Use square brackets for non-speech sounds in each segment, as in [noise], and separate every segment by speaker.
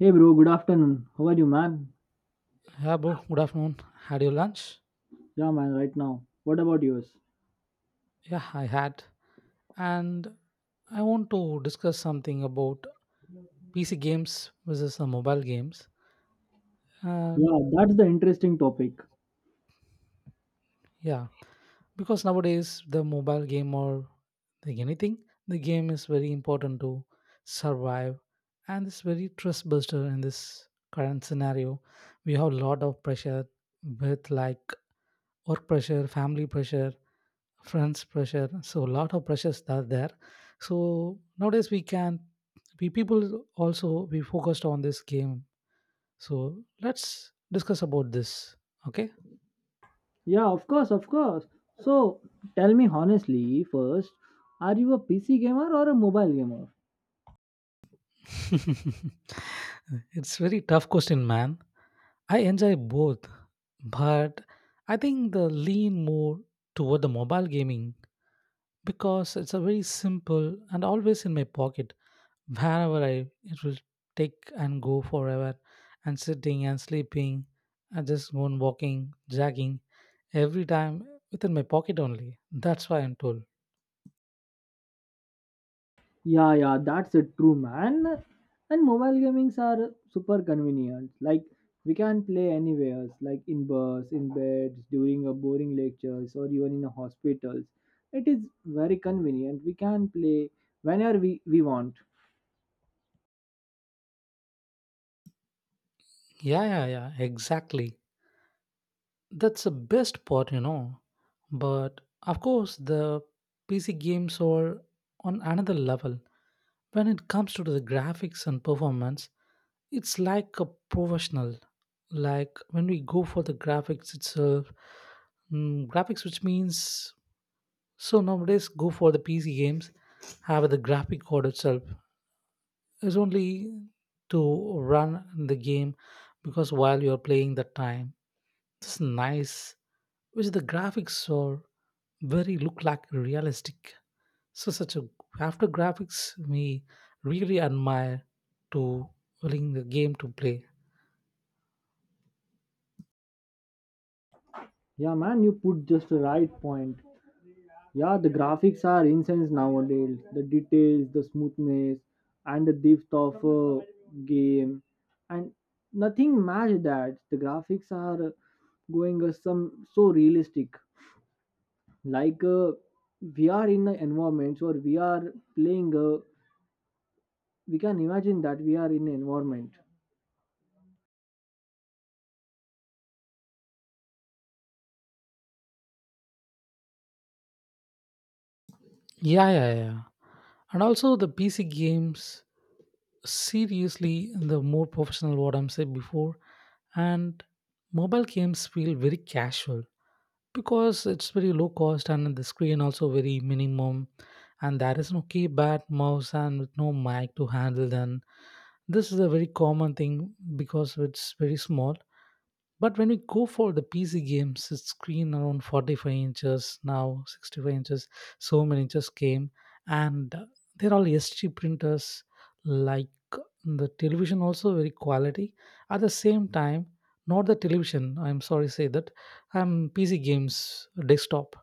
Speaker 1: Hey bro, good afternoon. How are you, man?
Speaker 2: Yeah, bro. Good afternoon. Had your lunch?
Speaker 1: Yeah, man, right now. What about yours?
Speaker 2: Yeah, I had. And I want to discuss something about PC games versus the mobile games. Uh,
Speaker 1: Yeah, that's the interesting topic.
Speaker 2: yeah, because nowadays the mobile game or like anything, the game is very important to survive, and it's very trust buster in this current scenario. We have a lot of pressure with like work pressure, family pressure, friends pressure, so a lot of pressures are there. So nowadays we can we people also we focused on this game. So let's discuss about this, okay?
Speaker 1: Yeah, of course, of course. So, tell me honestly first, are you a PC gamer or a mobile gamer?
Speaker 2: [laughs] It's very tough question, man. I enjoy both, but I think the lean more toward the mobile gaming because it's a very simple and always in my pocket. Wherever I it will take and go forever, and sitting and sleeping and just going walking, jogging, every time within my pocket only. That's why I'm told.
Speaker 1: Yeah, yeah, that's it, true, man. And mobile gamings are super convenient. Like, we can play anywhere, like in bus, in beds, during a boring lectures, or even in a hospitals. It is very convenient. We can play whenever we want.
Speaker 2: Yeah, yeah, yeah, exactly. That's the best part, you know. But of course, the PC games are on another level. When it comes to the graphics and performance, it's like a professional. Like when we go for the graphics itself, graphics, which means so nowadays go for the PC games, have the graphic card itself is only to run the game, because while you're playing the time, it's nice which the graphics are very look like realistic. So such a after graphics we really admire to willing the game to play.
Speaker 1: Yeah, man, you put just the right point. Yeah, the graphics are insane nowadays. The details, the smoothness, and the depth of game, and nothing match that. The graphics are going some so realistic. Like we are in the environments, or we are playing. We can imagine that we are in an environment.
Speaker 2: Yeah, yeah, yeah. And also the PC games seriously the more professional what I'm saying before, and mobile games feel very casual, because it's very low cost and the screen also very minimum, and there is no keypad mouse and with no mic to handle then this is a very common thing because it's very small. But when we go for the PC games, it's screen around 45 inches now, 65 inches, so many inches came. And they're all ST printers, like the television, also very quality. At the same time, not the television, I'm sorry to say that, PC games, desktop.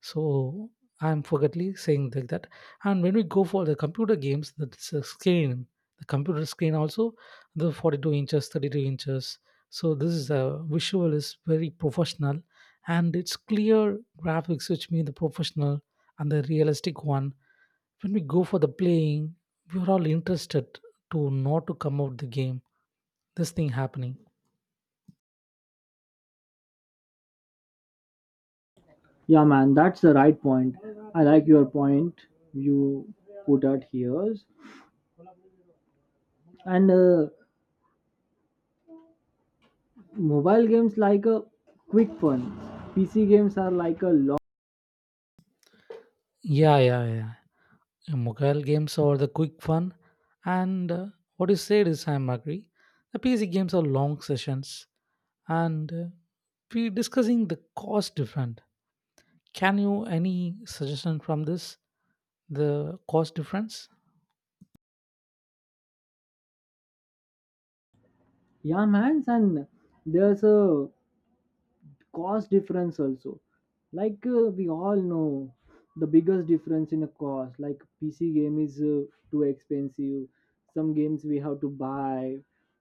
Speaker 2: So I'm forgetly saying like that. And when we go for the computer games, screen, the computer screen also, the 42 inches, 32 inches. So this is a visual is very professional, and it's clear graphics, which mean the professional and the realistic one. When we go for the playing, we're all interested to not to come out the game. This thing happening.
Speaker 1: Yeah, man, that's the right point. I like your point you put out here, and mobile games like a quick fun pc games are like a long.
Speaker 2: Yeah, yeah, yeah. Mobile games are the quick fun, and what you said is I'm agree the PC games are long sessions, and we discussing the cost different. Can you any suggestion from this, the cost difference?
Speaker 1: Yeah, man, and there's a cost difference also, like we all know the biggest difference in a cost, like PC game is too expensive. Some games we have to buy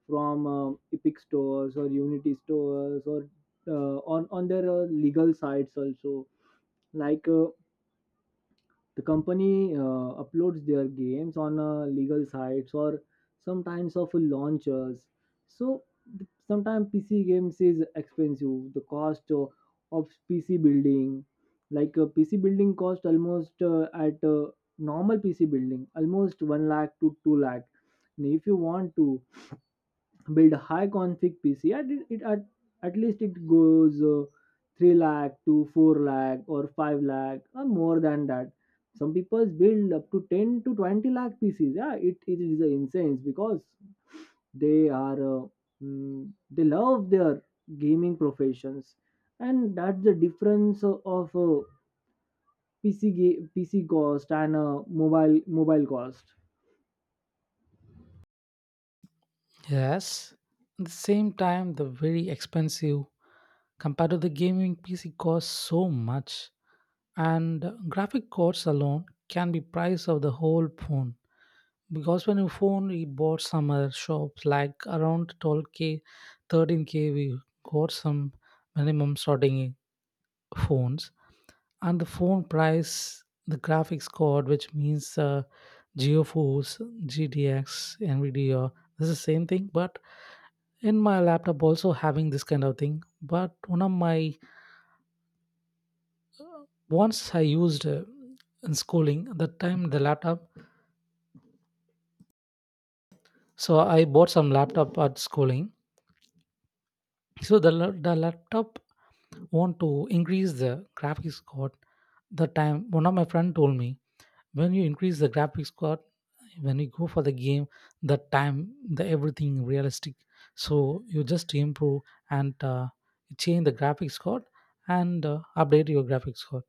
Speaker 1: from epic stores or unity stores, or on their legal sites also, like the company uploads their games on legal sites or sometimes of launchers. So sometimes PC games is expensive. The cost of PC building, like PC building cost almost at normal PC building almost one lakh to two lakh. And if you want to build a high config pc at least it goes 3 lakh to 4 lakh or 5 lakh or more than that. Some people build up to 10 to 20 lakh pcs. Yeah, it is a insane, because they are they love their gaming professions. And that's the difference of pc cost and mobile cost.
Speaker 2: Yes, at the same time the very expensive compared to the gaming PC costs so much, and graphic cards alone can be price of the whole phone, because when you phone we bought some shops like around 12k, 13k we got some minimum starting phones. And the phone price the graphics card, which means geoforce gtx nvidia, this is the same thing. But in my laptop also having this kind of thing. But one of my once I used in schooling at that time the laptop. So I bought some laptop at schooling. So the laptop want to increase the graphics card, the time one of my friend told me when you increase the graphics card, when you go for the game, the time the everything realistic. So you just improve and change the graphics card, and update your graphics card.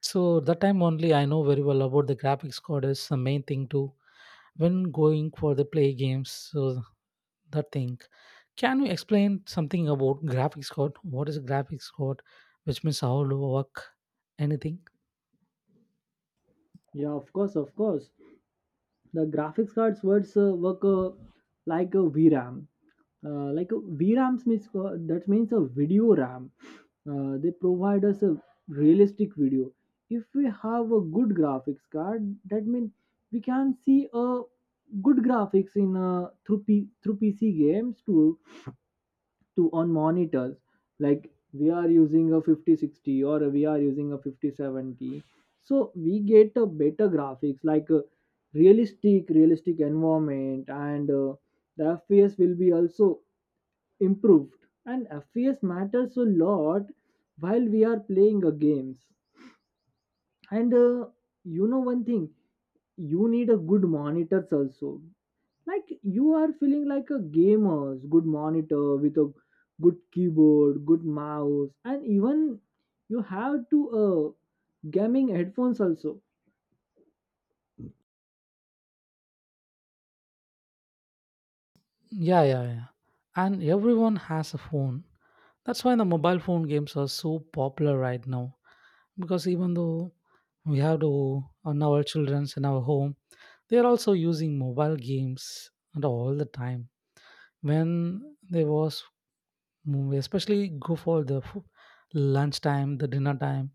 Speaker 2: So that time only I know very well about the graphics card is the main thing too when going for the play games, so that thing. Can you explain something about graphics card? What is a graphics card? Which means how to work anything?
Speaker 1: Yeah, of course, of course. The graphics cards words work like a vram. Like a vrams means that means a video ram. They provide us a realistic video. If we have a good graphics card, that means we can see a good graphics in through pc games too, to on monitors. Like we are using a 5060 or we are using a 5070, so we get a better graphics like a realistic environment. And the fps will be also improved, and fps matters a lot while we are playing a games. And you know one thing, you need a good monitors also. Like you are feeling like a gamer's good monitor with a good keyboard, good mouse, and even you have to gaming headphones also.
Speaker 2: Yeah, yeah, yeah. And everyone has a phone. That's why the mobile phone games are so popular right now. Because even though we have to on our childrens in our home, they are also using mobile games and all the time. When there was movie especially go for lunch time, the dinner time,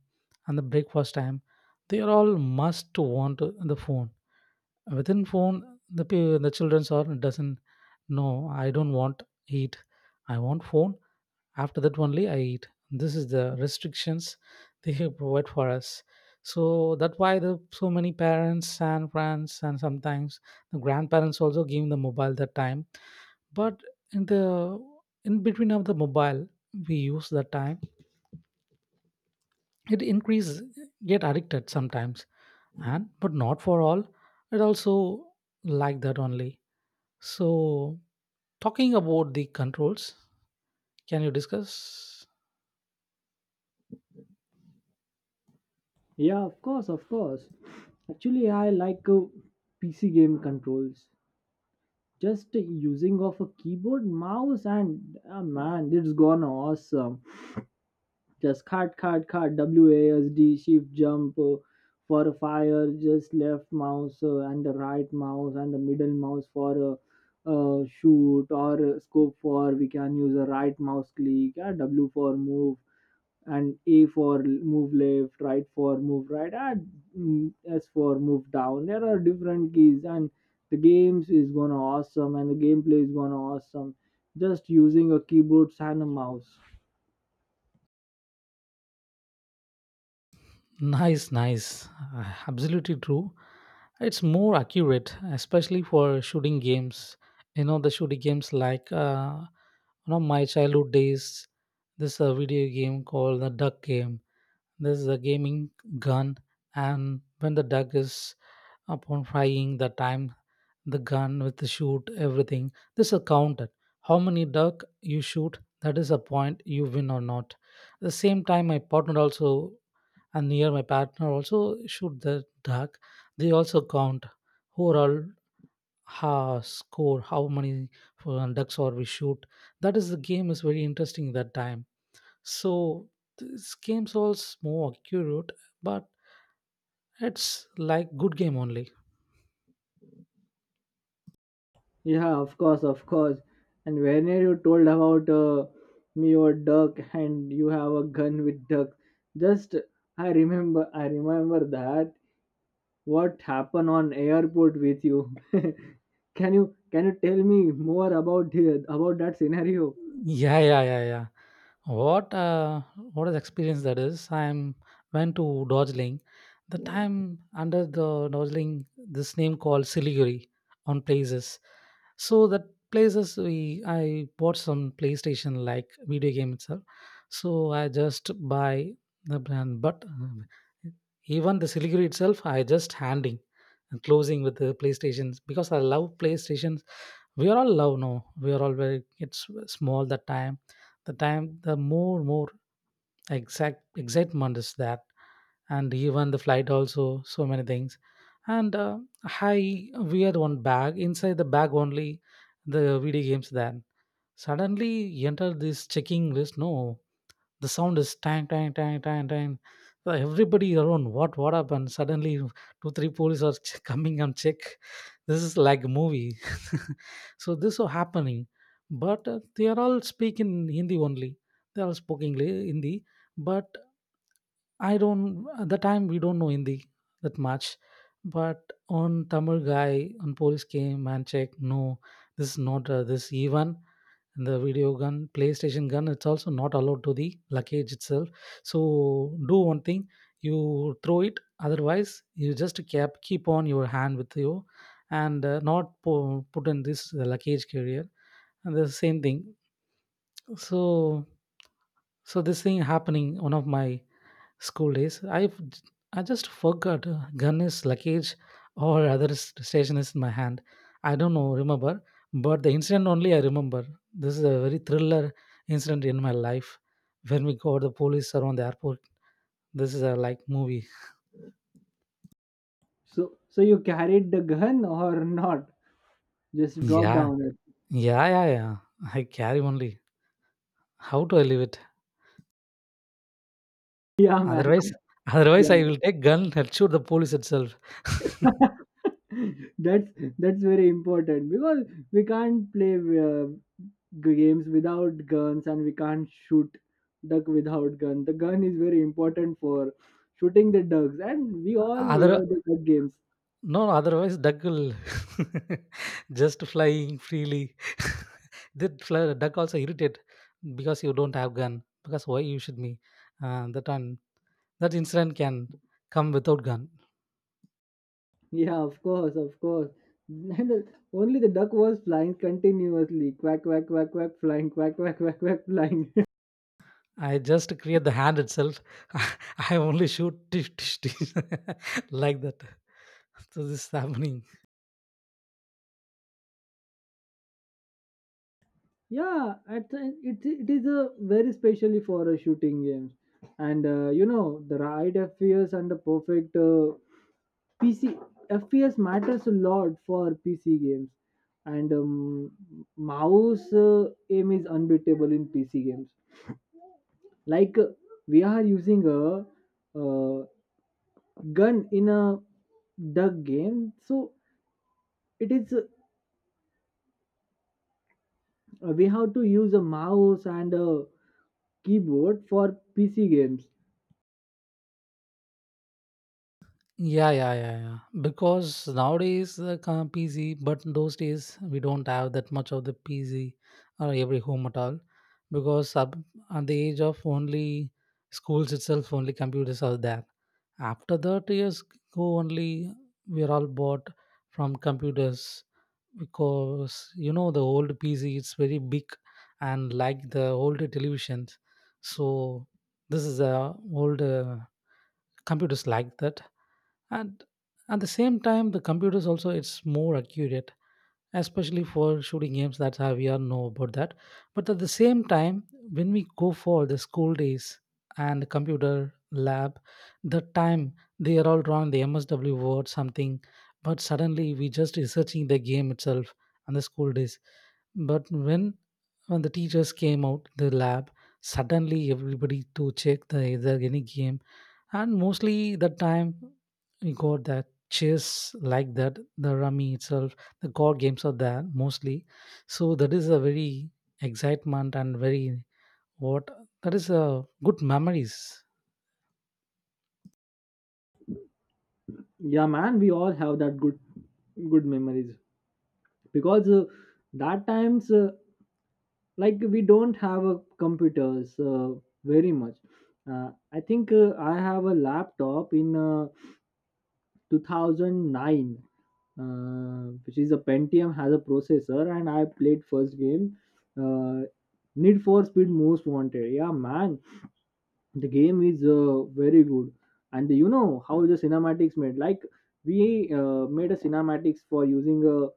Speaker 2: and the breakfast time, they are all must to want the phone. Within phone the children's are doesn't, no I don't want eat, I want phone, after that only I eat, this is the restrictions they have provide for us. So that's why the so many parents and friends and sometimes the grandparents also give the mobile that time. But in the in between of the mobile we use the time, it increases, get addicted sometimes, and but not for all, it also like that only. So talking about the controls, can you discuss?
Speaker 1: Yeah, of course, of course. Actually, I like pc game controls, just using of a keyboard mouse, and man, it's gone awesome. Just cart, WASD, shift jump for fire, just left mouse and the right mouse and the middle mouse for shoot or scope. For we can use a right mouse click, W for move and A for move left, right for move right, and S for move down. There are different keys, and the games is gonna awesome and the gameplay is gonna awesome just using a keyboard and a mouse.
Speaker 2: Nice, nice. [laughs] Absolutely true, it's more accurate especially for shooting games. You know, the shooting games like you know my childhood days, this video game called the duck game. This is a gaming gun, and when the duck is upon frying the time, the gun with the shoot, everything, this is counted. How many duck you shoot, that is a point you win or not. At the same time, my partner also and near my partner also shoot the duck. They also count overall ha score, how many ducks or we shoot. That is the game is very interesting that time. So this game's also more accurate, but it's like good game only.
Speaker 1: Yeah, of course, of course. And whenever you told about me or duck, and you have a gun with duck, just I remember that what happened on airport with you. [laughs] can you tell me more about about that scenario?
Speaker 2: Yeah, yeah, yeah, yeah. What uh, what is experience that is? I'm went to Darjeeling. The time under the Darjeeling, this name called Siliguri on places. So that places we I bought some PlayStation like video game itself. So I just buy the brand, but even the Siliguri itself, I just handing and closing with the PlayStations, because I love PlayStation. We are all love, no, we are all very it's small the time, the time the more exact excitement is that. And even the flight also so many things, and I wear one bag, inside the bag only the video games. Then suddenly enter this checking list, no, the sound is tang tang tang tang tang. So everybody around what happened suddenly, 2 3 police are [laughs] coming and check, this is like a movie. [laughs] So this was happening. But they are all speaking hindi only, they all speaking english hindi. But I don't at the time we don't know hindi that much. But on tamil guy, on police came and checked, no, this is not this even. And the video gun playstation gun, it's also not allowed to the luggage itself. So do one thing, you throw it, otherwise you just keep on your hand with you, and not put in this luggage carrier, and the same thing. So so this thing happening one of my school days. I just forgot gun is luggage or other station is in my hand. I don't know remember, but the incident only I remember. This is a very thriller incident in my life when we got the police around the airport. This is a like movie.
Speaker 1: So you carried the gun or not? Just drop
Speaker 2: Yeah,
Speaker 1: down it.
Speaker 2: yeah, yeah, yeah. I carry only. How do I leave it?
Speaker 1: [laughs] Yeah, man.
Speaker 2: Otherwise, [laughs] otherwise
Speaker 1: Yeah.
Speaker 2: I will take gun and shoot the police itself. [laughs]
Speaker 1: [laughs] that's that's very important, because we can't play games without guns, and we can't shoot duck without gun. The gun is very important for shooting the ducks, and we all
Speaker 2: other.
Speaker 1: love the duck games.
Speaker 2: No, no, otherwise duck will [laughs] just flying freely. [laughs] That fly, duck also irritate because you don't have gun. Because why you should me? That one that incident can come without gun.
Speaker 1: Yeah, of course, of course. [laughs] and only the duck was flying continuously, quack quack quack quack flying, quack quack quack quack flying. [laughs]
Speaker 2: I just create the hand itself. [laughs] I only shoot tish, tish, tish. [laughs] Like that. So this is happening.
Speaker 1: yeah, it is a very specially for a shooting game. And you know the right fps and the perfect PC FPS matters a lot for PC games. And mouse aim is unbeatable in PC games. Like we are using a uh, gun in a duck game, so it is we have to use a mouse and a keyboard for PC games.
Speaker 2: Yeah, yeah, yeah, yeah. Because nowadays the PC, but those days we don't have that much of the PC or every home at all. Because up at the age of only schools itself, only computers are there. After that years go only we are all bought from computers, because you know the old pc it's very big, and like the old televisions. So this is a old computers like that. And at the same time the computers also it's more accurate, especially for shooting games, that's how we all know about that. But at the same time, when we go for the school days and computer lab, the time they are all drawing the msw word something, but suddenly we just researching the game itself and the school days. But when the teachers came out the lab, suddenly everybody to check the is there any game. And mostly the time we got that chess, like that, the rummy itself, the god games are there mostly. So that is a very excitement and very what, that is a good memories.
Speaker 1: Yeah, man, we all have that good memories, because that times. Like we don't have a computers very much. I think I have a laptop in 2009, uh, which is a pentium has a processor, and I played first game, uh, Need for Speed Most Wanted. Yeah, man, the game is very good. And you know how the cinematics made, like we made a cinematics for using a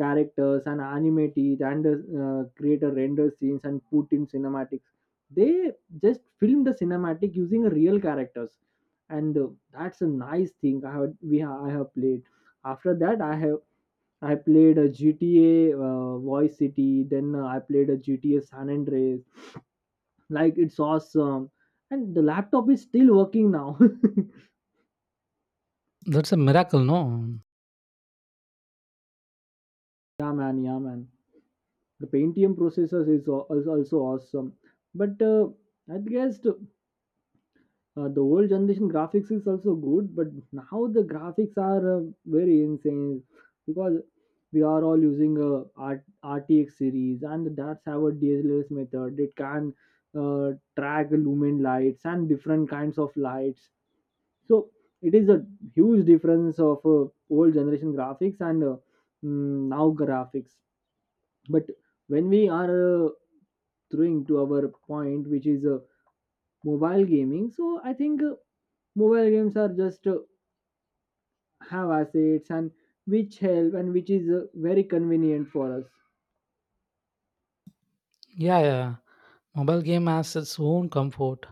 Speaker 1: characters and animate it, and create a render scenes and put in cinematics. They just film the cinematic using real characters. And that's a nice thing. I have played. After that, I played a GTA Voice City, then I played a GTA San Andreas. Like, it's awesome. And the laptop is still working now. [laughs]
Speaker 2: That's a miracle, no.
Speaker 1: yeah, man, yeah, man. The pentium processors is also awesome. But I guess the old generation graphics is also good, but now the graphics are very insane, because we are all using a RTX series, and that's our DSLS method. It can track lumen lights and different kinds of lights. So it is a huge difference of old generation graphics and now graphics. But when we are throwing to our point, which is mobile gaming, so I think mobile games are just have assets, and which help, and which is very convenient for us.
Speaker 2: Yeah, yeah. Mobile game has its own comfort.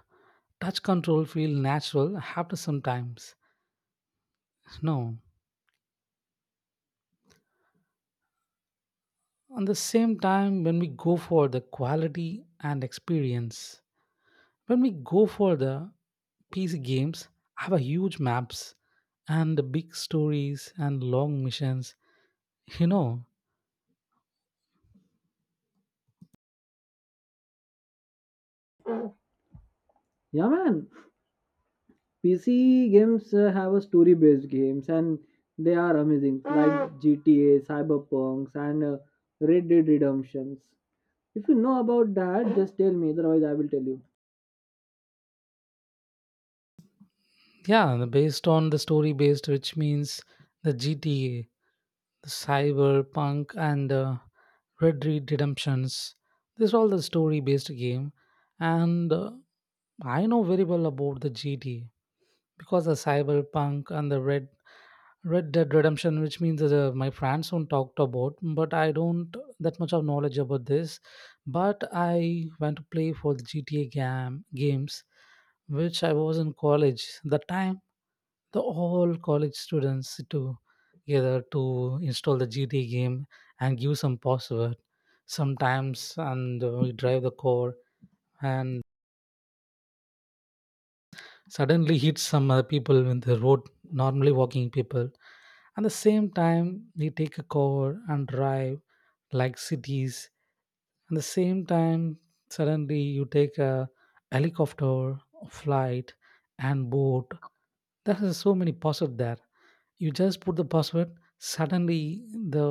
Speaker 2: Touch control feel natural after some times. No. On the same time, when we go for the quality and experience, when we go for the PC games, have a huge maps and the big stories and long missions. You know,
Speaker 1: Yeah, man, PC games have a story based games, and they are amazing, like GTA, Cyberpunks, and Red Dead Redemptions. If you know about that, just tell me, otherwise I will tell you.
Speaker 2: yeah, the based on the story based, which means the GTA, the Cyberpunk and Red Dead Redemptions. This is all the story-based game, and I know very well about the GT because the Cyberpunk and the Red Dead Redemption, which means my friends don't talked about, but I don't that much of knowledge about this. But I went to play for the GTA game games, which I was in college. The time the all college students together to install the GTA game and give some password sometimes, and we drive the car and suddenly hit some people in the road, normally walking people. At the same time, we take a car and drive like cities. At the same time, suddenly you take a helicopter, flight, and boat. There are so many possible there. You just put the password, suddenly the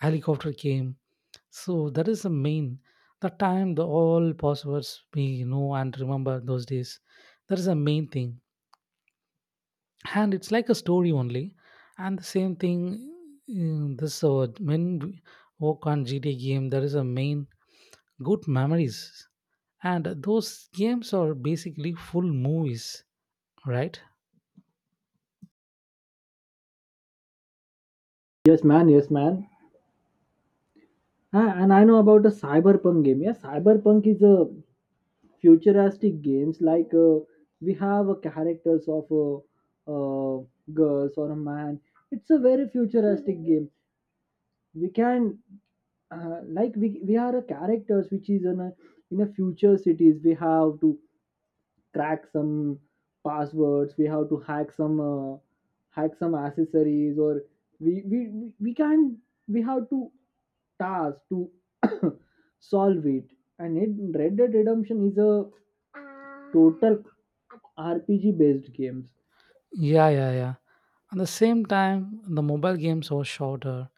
Speaker 2: helicopter came. So that is the main, the time the all passwords we know and remember those days, that is the main thing. And it's like a story only. And the same thing in this when we work on GTA game, there is a main good memories, and those games are basically full movies, right?
Speaker 1: Yes, man, yes, man. Ah, and I know about a Cyberpunk game. Yeah, Cyberpunk is a futuristic games. Like we have characters of uh, girls or a man. It's a very futuristic game. We can we are a characters which is in a future cities. We have to crack some passwords, we have to hack some accessories. Or we we we we can we have to task to [coughs] solve it. And Red Dead Redemption is a total RPG based games.
Speaker 2: Yeah, yeah, yeah. At the same time, the mobile games were shorter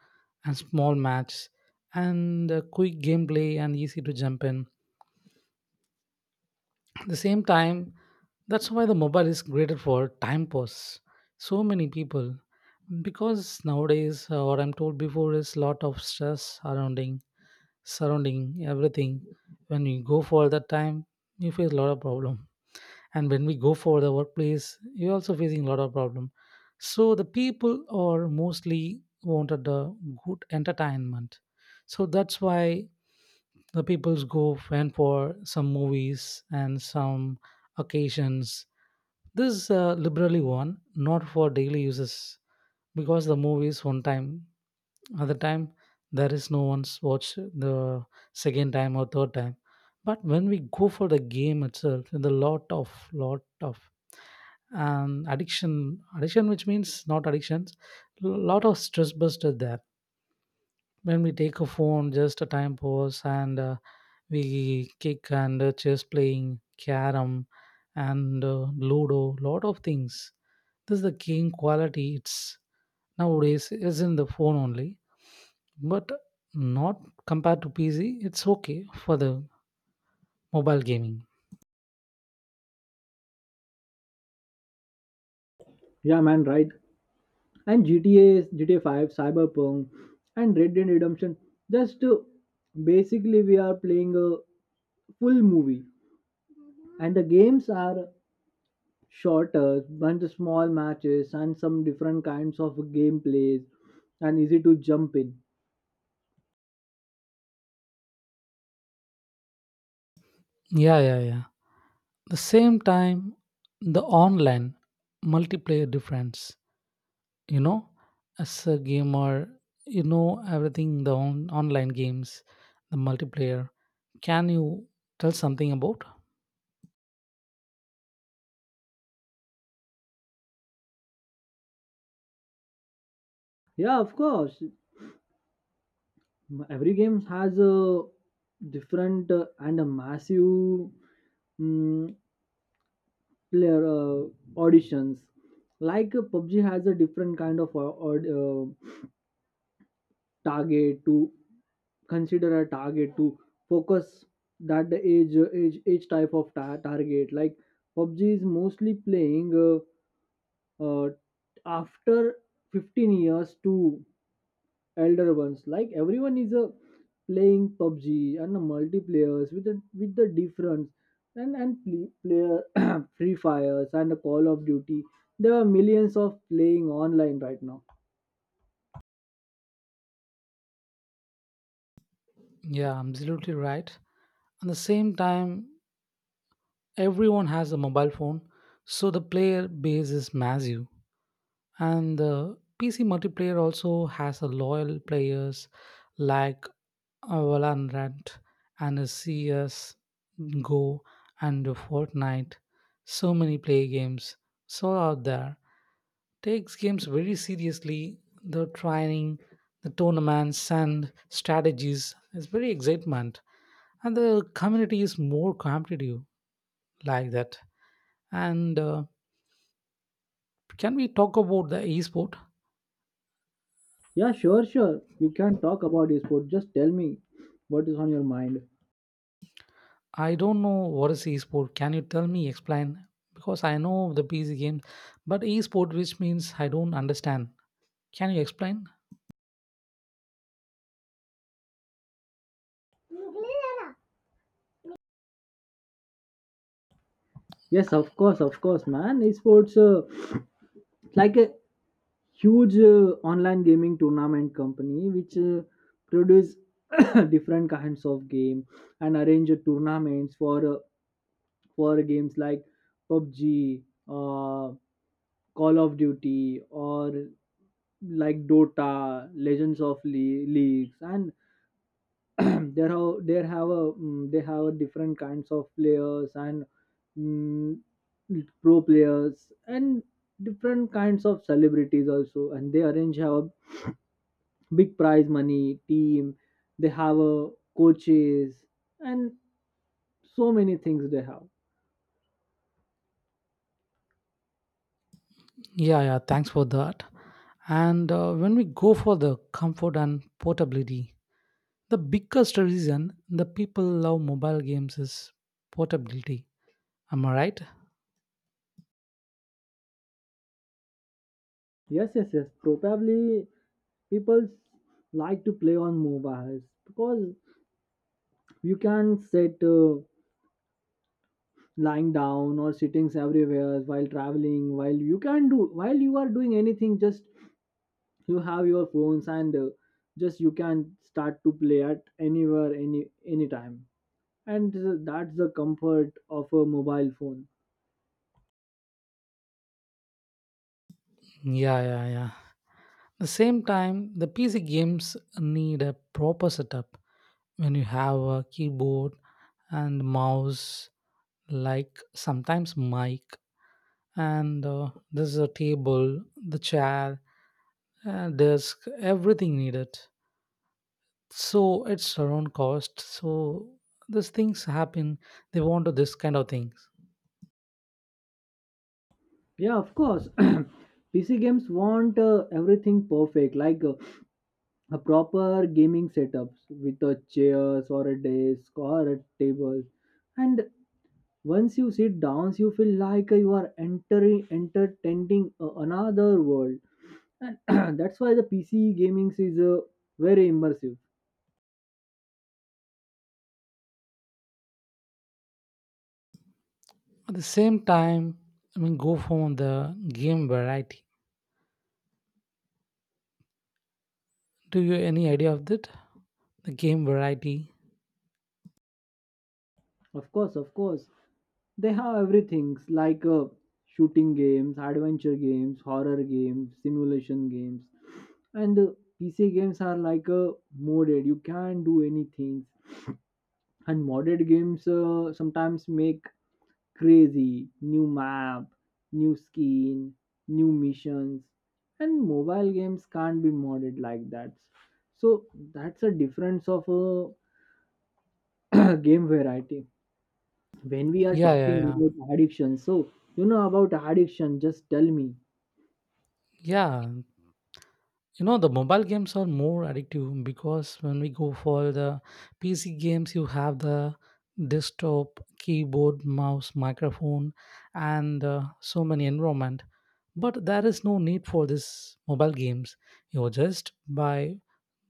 Speaker 2: and small maps and quick gameplay and easy to jump in. At the same time, that's why the mobile is created for time pass. So many people, because nowadays, what I'm told before is lot of stress surrounding everything. When you go for that time, you face a lot of problem. And when we go for the workplace, you're also facing a lot of problem. So the people are mostly wanted a good entertainment. So that's why the peoples go went for some movies and some occasions. This is liberally one, not for daily uses, because the movie is one time, other time there is no one's watch the second time or third time. But when we go for the game itself, the lot of addiction which means not addictions, lot of stress buster there. When we take a phone, just a time pause, and we kick and chess, playing carom and ludo, lot of things. This is the game quality. It's nowadays is in the phone only, but not compared to PC. It's okay for the mobile gaming.
Speaker 1: Yeah, man, right. And GTA 5, Cyberpunk, and Red Dead Redemption. Just basically, we are playing a full movie, and the games are shorter, bunch of small matches, and some different kinds of gameplays, and easy to jump in.
Speaker 2: Yeah, yeah, yeah. The same time, the online multiplayer difference, you know, as a gamer, you know everything. The online games, the multiplayer, can you tell something about?
Speaker 1: Yeah, of course. Every game has a different and a massive mm, player auditions. Like pubg has a different kind of aud- uh, target to consider, a target to focus. That the age type of target. Like pubg is mostly playing uh, after 15 years to elder ones. Like everyone is a playing PUBG, and the multiplayers with the difference. And player [clears throat] Free Fires and the Call of Duty. There are millions of playing online right now.
Speaker 2: Yeah, absolutely right. At the same time, everyone has a mobile phone, so the player base is massive. And the PC multiplayer also has a loyal players, like Valorant and CS Go and Fortnite, so many play games. So out there takes games very seriously. The training, the tournaments and strategies is very excitement, and the community is more competitive, like that. And can we talk about the esport?
Speaker 1: Yeah, sure, sure. You can talk about esports. Just tell me what is on your mind.
Speaker 2: I don't know what is e-sport. Can you tell me, explain? Because I know the PC game, but e-sport, which means I don't understand. Can you explain?
Speaker 1: Yes, of course, man. Esports [sniffs] like a huge online gaming tournament company which produce [clears throat] different kinds of game, and arrange tournaments for games like PUBG, uh, Call of Duty, or like Dota, Legends of Leagues. And [clears throat] there have a mm, they have a different kinds of players and mm, pro players and different kinds of celebrities also. And they arrange have big prize money team. They have a coaches, and so many things they have.
Speaker 2: Yeah, yeah, thanks for that. And when we go for the comfort and portability, the biggest reason the people love mobile games is portability. Am I right?
Speaker 1: Yes, yes, yes. Probably people like to play on mobiles, because you can sit lying down or sittings everywhere while traveling, while you can do while you are doing anything. Just you have your phones, and just you can start to play at anywhere anytime. And that's the comfort of a mobile phone.
Speaker 2: Yeah, yeah, yeah. The same time, the PC games need a proper setup. When you have a keyboard and mouse, like sometimes mic, and there's a table, the chair, desk, everything needed. So it's around cost, so these things happen, they want to this kind of things.
Speaker 1: Yeah, of course. [clears throat] pc games want everything perfect. Like a proper gaming setups with a chairs or a desk or a table. And once you sit down, you feel like you are entering entertaining another world. And [clears throat] that's why the pc gaming is very immersive.
Speaker 2: At the same time, I mean go for the game variety. Do you any idea of that, the game variety?
Speaker 1: Of course, of course. They have everything, like shooting games, adventure games, horror games, simulation games. And pc games are like a modded, you can do anything. And modded games sometimes make crazy new map, new skin, new missions. And mobile games can't be modded like that. So that's a difference of a [clears throat] game variety. When we are
Speaker 2: Yeah, yeah,
Speaker 1: talking
Speaker 2: yeah,
Speaker 1: about addiction, so you know about addiction, just tell me.
Speaker 2: yeah. You know the mobile games are more addictive, because when we go for the PC games, you have the desktop, keyboard, mouse, microphone, and so many environment. But there is no need for this mobile games. You just buy,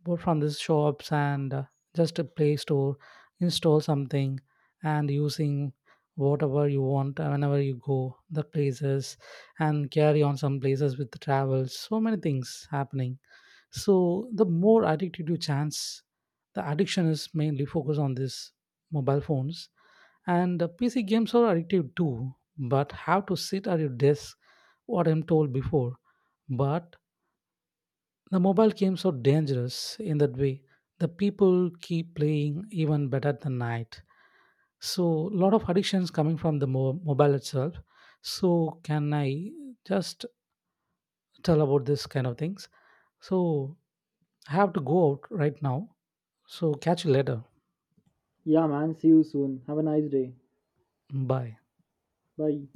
Speaker 2: go from these shops, and just a play store, install something and using whatever you want whenever you go the places, and carry on some places with the travels, so many things happening. So the more addicted you chance, the addiction is mainly focused on these mobile phones. And the PC games are addictive too, but have to sit at your desk, what I'm told before. But the mobile games are dangerous in that way. The people keep playing even better than night. So a lot of addictions coming from the mobile itself. So can I just tell about this kind of things? So I have to go out right now. So catch you later.
Speaker 1: Yeah, man, see you soon. Have a nice day.
Speaker 2: Bye.
Speaker 1: Bye.